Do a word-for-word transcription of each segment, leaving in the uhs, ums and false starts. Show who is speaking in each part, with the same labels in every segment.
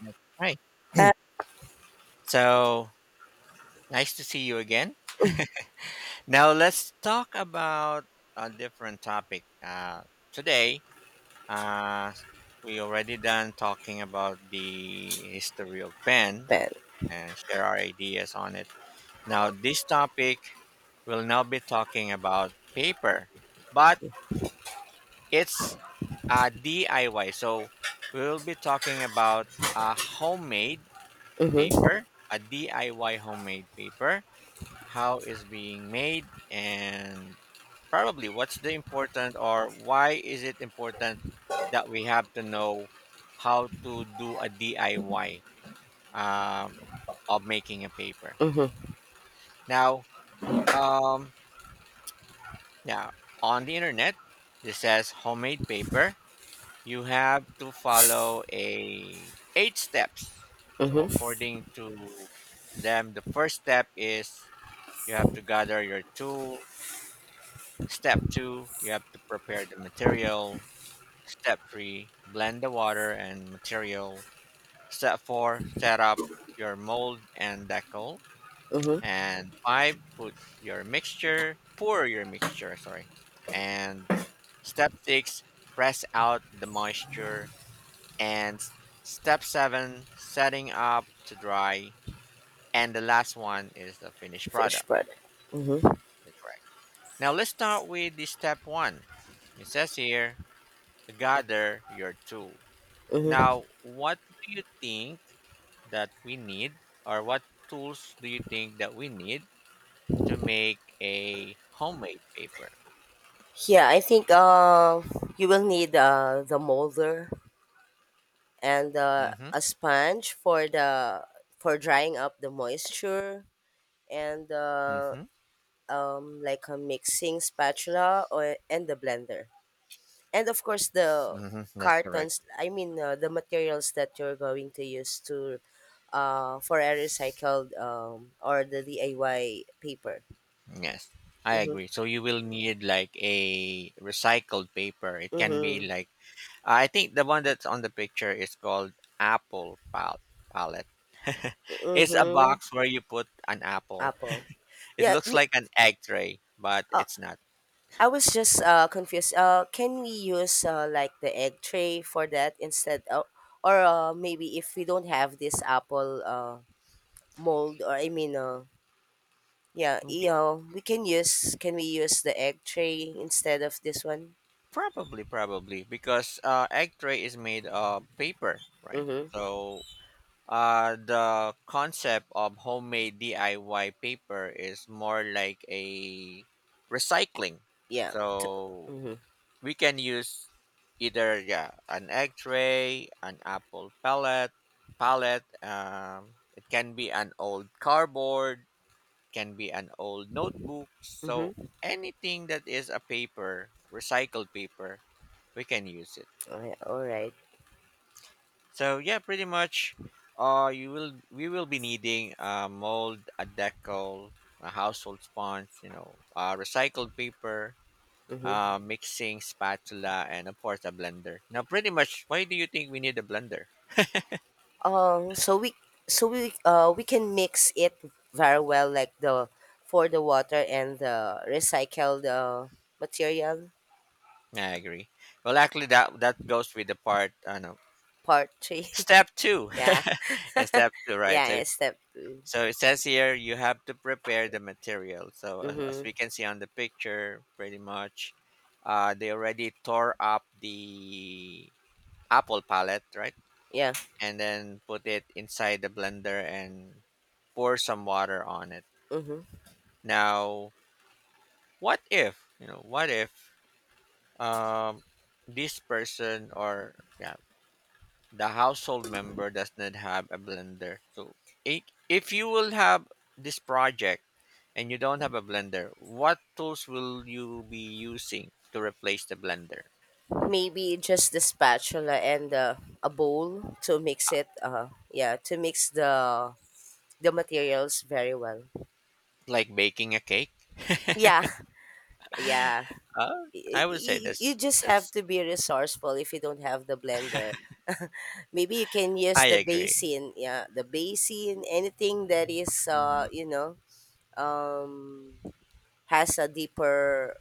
Speaker 1: That's right.
Speaker 2: Happen.
Speaker 1: So nice to see you again. Now let's talk about a different topic. Uh, today, uh, we already done talking about the history of pen and share our ideas on it. Now this topic will now be talking about paper, but it's a D I Y. So we will be talking about a homemade paper, a D I Y homemade paper how it's being made, and probably what's the important or why is it important that we have to know how to do a D I Y um, of making a paper. Now, um, yeah, on the internet, this says homemade paper. You have to follow a eight steps. So
Speaker 2: Mm-hmm.
Speaker 1: according to them, the first step is you have to gather your tool. Step two, you have to prepare the material. Step three, blend the water and material. Step four, set up your mold and decal.
Speaker 2: Mm-hmm.
Speaker 1: And five, put your mixture, pour your mixture, sorry. And step six, press out the moisture. And s- step seven, setting up to dry. And the last one is the finished
Speaker 2: Fish
Speaker 1: product.
Speaker 2: bread. Mm-hmm.
Speaker 1: Correct. Now let's start with the step one. It says here gather your tool.
Speaker 2: Mm-hmm.
Speaker 1: Now, what do you think that we need, or what tools do you think that we need to make a homemade paper?
Speaker 2: Yeah, I think uh, you will need uh, the molder and uh,
Speaker 1: Mm-hmm.
Speaker 2: a sponge for the for drying up the moisture and uh,
Speaker 1: Mm-hmm.
Speaker 2: um, like a mixing spatula or and the blender and of course the
Speaker 1: Mm-hmm, that's correct.
Speaker 2: cartons. I mean uh, the materials that you're going to use to uh, for a recycled um, or the D I Y paper.
Speaker 1: Yes, I
Speaker 2: Mm-hmm.
Speaker 1: agree. So you will need like a recycled paper. It can be
Speaker 2: Mm-hmm.
Speaker 1: like, I think the one that's on the picture is called apple pal- palette. It's a
Speaker 2: Mm-hmm.
Speaker 1: box where you put an apple.
Speaker 2: Apple.
Speaker 1: It
Speaker 2: Yeah.
Speaker 1: looks
Speaker 2: m-
Speaker 1: like an egg tray, but
Speaker 2: Uh,
Speaker 1: it's not.
Speaker 2: I was just uh confused. Uh, can we use uh like the egg tray for that instead? Uh, or uh, maybe if we don't have this apple uh mold, or I mean uh yeah, you know, we can use can we use the egg tray instead of this one?
Speaker 1: Probably, probably because uh, egg tray is made of paper, right?
Speaker 2: Mm-hmm.
Speaker 1: So uh, the concept of homemade D I Y paper is more like a recycling.
Speaker 2: Yeah. t-
Speaker 1: So
Speaker 2: Mm-hmm.
Speaker 1: we can use either yeah an egg tray, an apple pallet, pallet. Um, it can be an old cardboard, can be an old notebook. So
Speaker 2: Mm-hmm.
Speaker 1: anything that is a paper, recycled paper we can use it.
Speaker 2: All right. All right.
Speaker 1: So yeah, pretty much. Uh, you will We will be needing a mold, a decal, a household sponge, you know, uh, recycled paper,
Speaker 2: Mm-hmm.
Speaker 1: uh, mixing spatula, and of course a blender. Now, pretty much, why do you think we need a blender?
Speaker 2: Um, so we so we uh we can mix it very well, like the for the water and the recycled the material
Speaker 1: I agree. Well, actually, that that goes with the part. I know.
Speaker 2: part three.
Speaker 1: Step two,
Speaker 2: Yeah,
Speaker 1: step two, right?
Speaker 2: yeah,
Speaker 1: So
Speaker 2: it's step two.
Speaker 1: so it says here you have to prepare the material. So as, as
Speaker 2: Mhm.
Speaker 1: we can see on the picture, pretty much, uh, they already tore up the apple palette, right?
Speaker 2: Yeah.
Speaker 1: And then put it inside the blender and pour some water on it.
Speaker 2: Mhm.
Speaker 1: Now, what if you know? What if um, this person or yeah, the household member does not have a blender. So i- if you will have this project and you don't have a blender, what tools will you be using to replace the blender?
Speaker 2: Maybe just the spatula and uh, a bowl to mix it. Uh, yeah, to mix the the materials very well.
Speaker 1: Like baking a cake?
Speaker 2: Yeah. Yeah.
Speaker 1: uh, I would say
Speaker 2: you, you
Speaker 1: that's
Speaker 2: just have
Speaker 1: that's
Speaker 2: to be resourceful if you don't have the blender. Maybe you can use
Speaker 1: I
Speaker 2: the
Speaker 1: agree.
Speaker 2: basin, yeah, the basin, anything that is uh,
Speaker 1: Hmm.
Speaker 2: you know, um has a deeper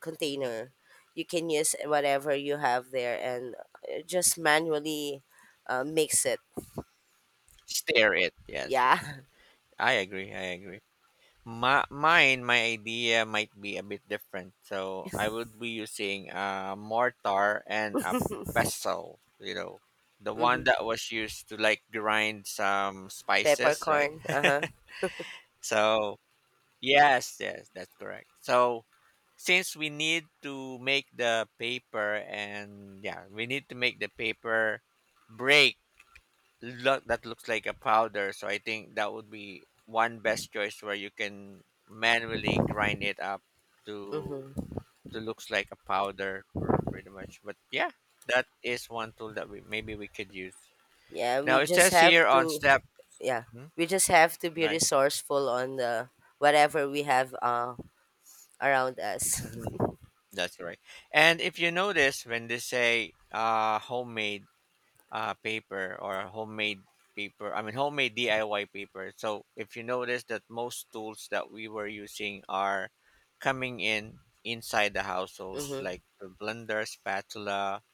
Speaker 2: container. You can use whatever you have there and uh, just manually uh, mix it.
Speaker 1: Stir it. Yes, yes.
Speaker 2: Yeah.
Speaker 1: I agree. I agree. My, mine, my idea might be a bit different. So I would be using a mortar and a pestle, you know, the one
Speaker 2: hmm
Speaker 1: that was used to like grind some spices, right?
Speaker 2: Peppercorn. Uh-huh.
Speaker 1: So, yes, yes, that's correct. So, since we need to make the paper and yeah, we need to make the paper break look that looks like a powder. So I think that would be one best choice where you can manually grind it up to
Speaker 2: hmm
Speaker 1: to looks like a powder for pretty much. But yeah, that is one tool that we maybe we could use.
Speaker 2: Yeah,
Speaker 1: Now
Speaker 2: we
Speaker 1: it
Speaker 2: just
Speaker 1: says
Speaker 2: have
Speaker 1: here on
Speaker 2: to
Speaker 1: step,
Speaker 2: yeah
Speaker 1: hmm,
Speaker 2: we just have to be
Speaker 1: right.
Speaker 2: resourceful on the whatever we have uh, around us.
Speaker 1: Mhm. That's right. And if you notice when they say uh homemade uh, paper or homemade paper. I mean, homemade D I Y paper. So if you notice that most tools that we were using are coming in inside the household,
Speaker 2: Mm-hmm.
Speaker 1: like the blender, spatula.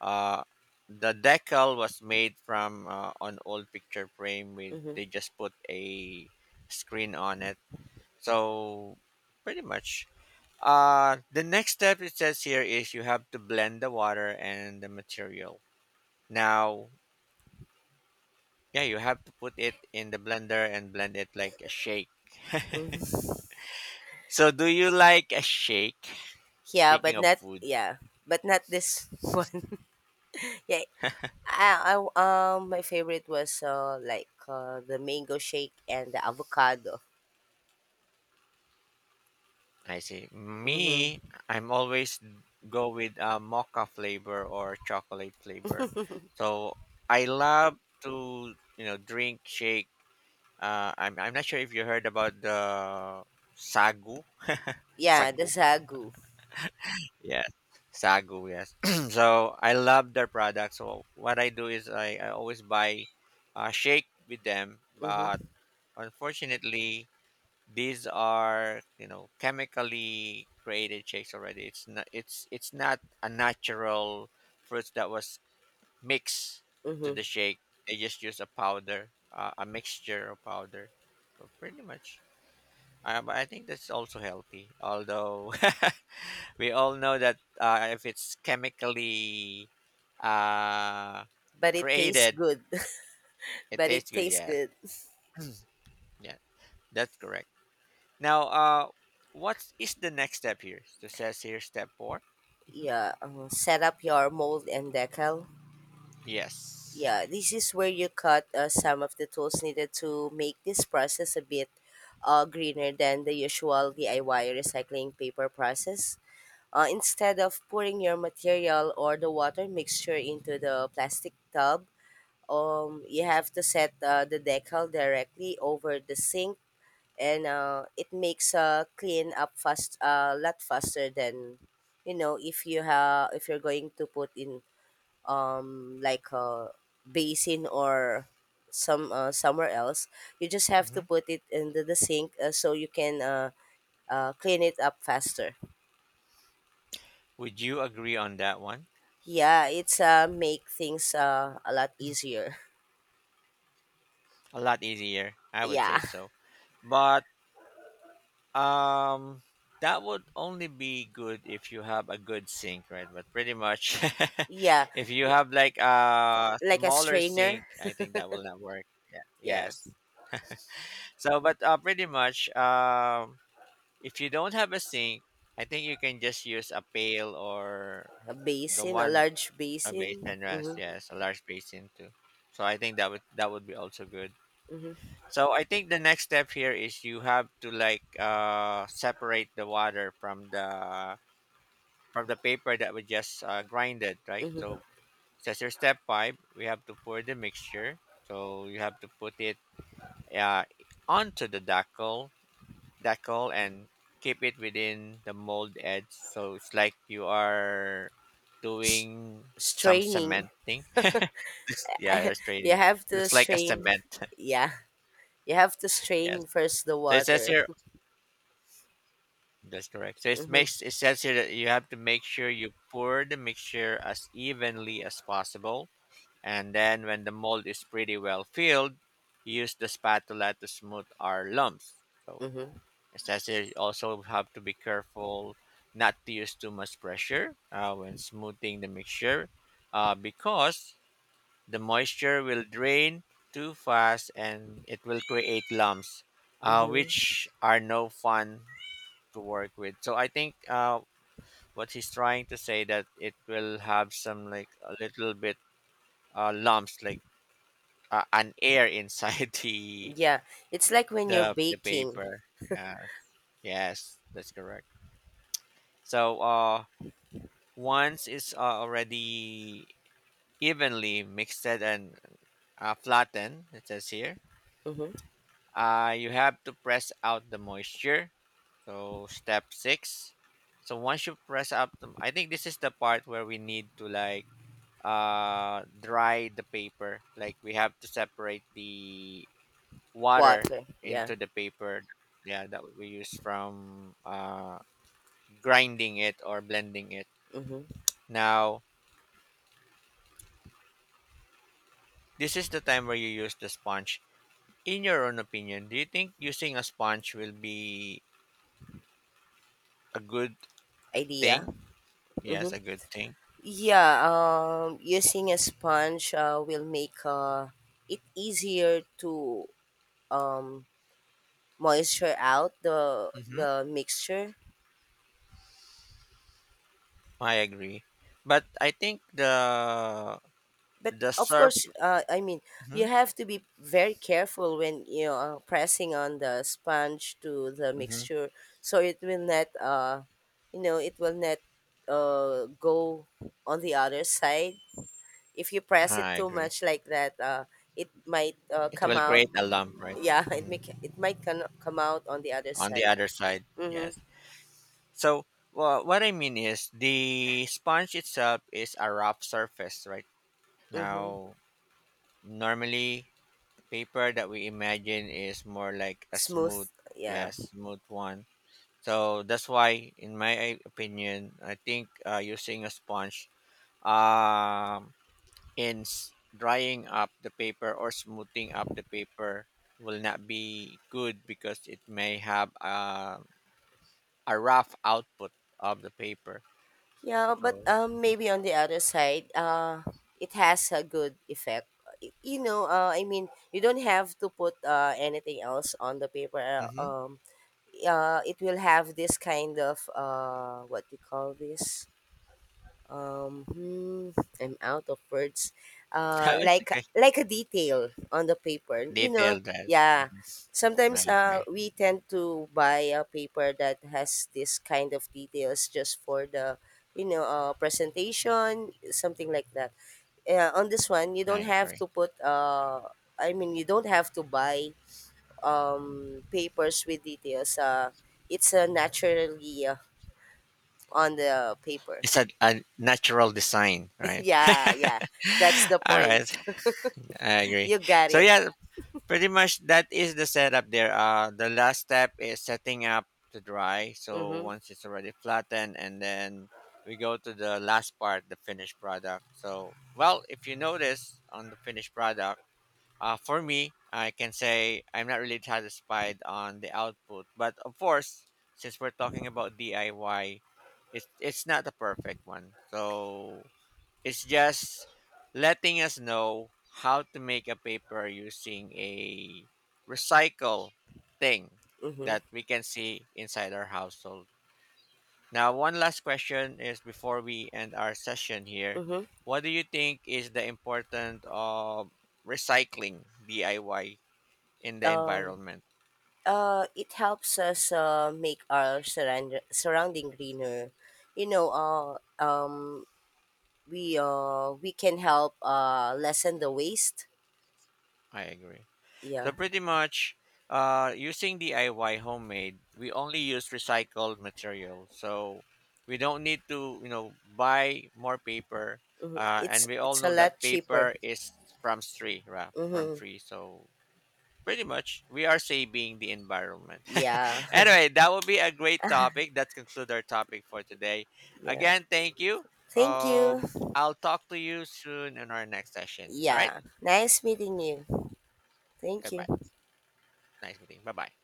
Speaker 1: Uh, the decal was made from uh, an old picture frame. With
Speaker 2: Mm-hmm.
Speaker 1: they just put a screen on it. So pretty much. Uh, the next step it says here is you have to blend the water and the material. Now, yeah, you have to put it in the blender and blend it like a shake. So, do you like a shake?
Speaker 2: Yeah,
Speaker 1: Speaking
Speaker 2: but
Speaker 1: of
Speaker 2: not,
Speaker 1: food,
Speaker 2: yeah, but not this, one. Yeah, I, I um my favorite was uh like uh, the mango shake and the avocado.
Speaker 1: I see.
Speaker 2: Mm-hmm.
Speaker 1: Me, I'm always go with uh, mocha flavor or chocolate flavor. So, I love to you know drink shake. Uh, I'm I'm not sure if you heard about the sagu.
Speaker 2: Yeah, the
Speaker 1: Sagu.
Speaker 2: sagu.
Speaker 1: Yes, sagu. Yes. So I love their product. So what I do is I, I always buy uh, shake with them, but
Speaker 2: Mm-hmm.
Speaker 1: unfortunately these are you know chemically created shakes already. It's not it's it's not a natural fruits that was mixed to
Speaker 2: Mm-hmm.
Speaker 1: the shake. They just use a powder, uh, a mixture of powder. So pretty much. Uh, but I think that's also healthy, although we all know that uh, if it's chemically uh,
Speaker 2: But it tastes
Speaker 1: created,
Speaker 2: good.
Speaker 1: it
Speaker 2: But it
Speaker 1: tastes good.
Speaker 2: tastes
Speaker 1: Yes,
Speaker 2: good.
Speaker 1: yeah, that's correct. Now, uh, what is the next step here? So it says here step four. Hmm.
Speaker 2: Yeah, um, set up your mold and decal.
Speaker 1: Yes.
Speaker 2: Yeah, this is where you cut uh, some of the tools needed to make this process a bit uh, greener than the usual D I Y recycling paper process. Uh, instead of pouring your material or the water mixture into the plastic tub, um, you have to set uh, the decal directly over the sink, and uh, it makes uh, clean up fast, uh, a lot faster than, you know, if you have if you're going to put in um like a basin or some uh, somewhere else, you just have to
Speaker 1: Hmm.
Speaker 2: put it into the sink, uh, so you can uh, uh, clean it up faster.
Speaker 1: Would you agree on that one?
Speaker 2: Yeah, it's uh make things uh a lot easier.
Speaker 1: A lot easier, I would say
Speaker 2: Yeah.
Speaker 1: so. But Um, that would only be good if you have a good sink, right? But pretty much,
Speaker 2: Yeah.
Speaker 1: if you
Speaker 2: B-
Speaker 1: have like a
Speaker 2: like a
Speaker 1: smaller sink,
Speaker 2: strainer.
Speaker 1: I think that will not work. Yeah.
Speaker 2: Yeah.
Speaker 1: Yes. So, but uh, pretty much, um, if you don't have a sink, I think you can just use a pail or
Speaker 2: A
Speaker 1: the
Speaker 2: basin, a
Speaker 1: one
Speaker 2: large
Speaker 1: a
Speaker 2: basin.
Speaker 1: basin rest.
Speaker 2: Mm-hmm.
Speaker 1: Yes, a large basin too. So I think that would that would be also good.
Speaker 2: Mm-hmm.
Speaker 1: So I think the next step here is you have to like uh, separate the water from the from the paper that we just uh, grinded, right?
Speaker 2: Mm-hmm.
Speaker 1: So that's your step five. We have to pour the mixture. So you have to put it uh, onto the decal decal and keep it within the mold edge. So it's like you are
Speaker 2: S-
Speaker 1: doing some
Speaker 2: Straining.
Speaker 1: cementing. Yeah, you're
Speaker 2: You
Speaker 1: trading.
Speaker 2: have to
Speaker 1: Looks like a
Speaker 2: strain.
Speaker 1: cement.
Speaker 2: Yeah, you have to
Speaker 1: Yes.
Speaker 2: strain first the
Speaker 1: So it says
Speaker 2: water.
Speaker 1: here, that's correct. So it
Speaker 2: Mm-hmm.
Speaker 1: makes it says here that you have to make sure you pour the mixture as evenly as possible, and then when the mold is pretty well filled, use the spatula to smooth our lumps. So
Speaker 2: Mm-hmm.
Speaker 1: it says here you also have to be careful not to use too much pressure uh, when smoothing the mixture, uh, because the moisture will drain too fast and it will create lumps, uh,
Speaker 2: Mm-hmm.
Speaker 1: which are no fun to work with. So I think uh, what he's trying to say that it will have some like a little bit uh, lumps, like uh, an air inside the
Speaker 2: Yeah, it's like when you're
Speaker 1: the the
Speaker 2: baking.
Speaker 1: paper. Yes, yes, that's correct. So uh, once it's uh, already evenly mixed and uh, flattened, it says here.
Speaker 2: Mm-hmm.
Speaker 1: Uh, you have to press out the moisture. So step six. So once you press up, the, I think this is the part where we need to like uh, dry the paper. Like we have to separate the water
Speaker 2: Water. Yeah.
Speaker 1: into the paper. Yeah, that we use from uh, grinding it or blending it.
Speaker 2: Mm-hmm.
Speaker 1: Now, this is the time where you use the sponge. In your own opinion, do you think using a sponge will be a good
Speaker 2: Idea.
Speaker 1: thing? Yes,
Speaker 2: Mm-hmm.
Speaker 1: a good thing.
Speaker 2: Yeah. Um, using a sponge, uh, will make uh, it easier to um, moisture out the
Speaker 1: Hmm.
Speaker 2: the mixture.
Speaker 1: I agree, but I think the
Speaker 2: But
Speaker 1: the
Speaker 2: of
Speaker 1: surf.
Speaker 2: course, uh, i mean
Speaker 1: Hmm.
Speaker 2: you have to be very careful when, you know, uh, pressing on the sponge to the
Speaker 1: Hmm.
Speaker 2: mixture, so it will not, uh, you know, it will not uh, go on the other side. If you press it
Speaker 1: I
Speaker 2: too
Speaker 1: agree.
Speaker 2: much like that, uh, it might uh,
Speaker 1: It
Speaker 2: come
Speaker 1: will
Speaker 2: out.
Speaker 1: create a lump, right?
Speaker 2: Yeah. It
Speaker 1: Mhm.
Speaker 2: make it might come come out on the other
Speaker 1: On the
Speaker 2: side.
Speaker 1: other side.
Speaker 2: Mm-hmm.
Speaker 1: Yes. So well, what I mean is the sponge itself is a rough surface, right?
Speaker 2: Mm-hmm.
Speaker 1: Now, normally paper that we imagine is more like a
Speaker 2: Smooth.
Speaker 1: smooth,
Speaker 2: Yeah.
Speaker 1: yeah, smooth one. So that's why, in my opinion, I think uh, using a sponge um, in s- drying up the paper or smoothing up the paper will not be good because it may have a a rough output of the paper.
Speaker 2: Yeah, but
Speaker 1: So
Speaker 2: um, maybe on the other side, uh, it has a good effect. Y- You know, uh, I mean, you don't have to put uh, anything else on the paper. Uh,
Speaker 1: hmm.
Speaker 2: Um, uh, it will have this kind of uh, what do you call this? um hmm, I'm out of words. uh
Speaker 1: It's
Speaker 2: like
Speaker 1: okay.
Speaker 2: like a detail on the paper, you know.
Speaker 1: Detailed right?
Speaker 2: Yeah,
Speaker 1: Mhm.
Speaker 2: sometimes
Speaker 1: Right,
Speaker 2: uh
Speaker 1: right.
Speaker 2: we tend to buy a paper that has this kind of details just for the, you know, uh presentation, something like that. Yeah, on this one you
Speaker 1: I
Speaker 2: don't have
Speaker 1: agree.
Speaker 2: to put uh i mean you don't have to buy um papers with details. Uh it's uh, naturally, uh, on the paper.
Speaker 1: It's a, a natural design, right?
Speaker 2: Yeah, yeah. That's the
Speaker 1: All
Speaker 2: point.
Speaker 1: right, I agree.
Speaker 2: You got
Speaker 1: So
Speaker 2: it.
Speaker 1: yeah, pretty much that is the setup there. Uh, the last step is setting up to dry. So
Speaker 2: Mm-hmm.
Speaker 1: once it's already flattened, and then we go to the last part, the finished product. So well, if you notice on the finished product, uh, for me, I can say I'm not really satisfied on the output, but of course, since we're talking about D I Y, it's it's not a perfect one. So it's just letting us know how to make a paper using a recycle thing
Speaker 2: Mm-hmm.
Speaker 1: that we can see inside our household. Now, one last question is before we end our session here.
Speaker 2: Mm-hmm.
Speaker 1: What do you think is the importance of recycling D I Y in the
Speaker 2: Um,
Speaker 1: environment?
Speaker 2: uh, it helps us, uh, make our surround- surrounding greener. You know, uh, um, we, uh, we can help uh, lessen the waste.
Speaker 1: I agree. So,
Speaker 2: Yeah.
Speaker 1: pretty much uh, using D I Y homemade, we only use recycled material. So, we don't need to, you know, buy more paper.
Speaker 2: Mm-hmm.
Speaker 1: Uh, and
Speaker 2: It's
Speaker 1: we all
Speaker 2: it's a
Speaker 1: know that
Speaker 2: lot cheaper.
Speaker 1: paper is from tree, right? From
Speaker 2: Mm-hmm.
Speaker 1: tree. So, pretty much, we are saving the environment.
Speaker 2: Yeah.
Speaker 1: Anyway, that will be a great topic. That concludes our topic for today.
Speaker 2: Yeah.
Speaker 1: Again, thank you.
Speaker 2: Thank you.
Speaker 1: Um, I'll talk to you soon in our next session. All right.
Speaker 2: Yeah. Nice meeting you. Thank
Speaker 1: Goodbye.
Speaker 2: you.
Speaker 1: Nice meeting. Bye bye.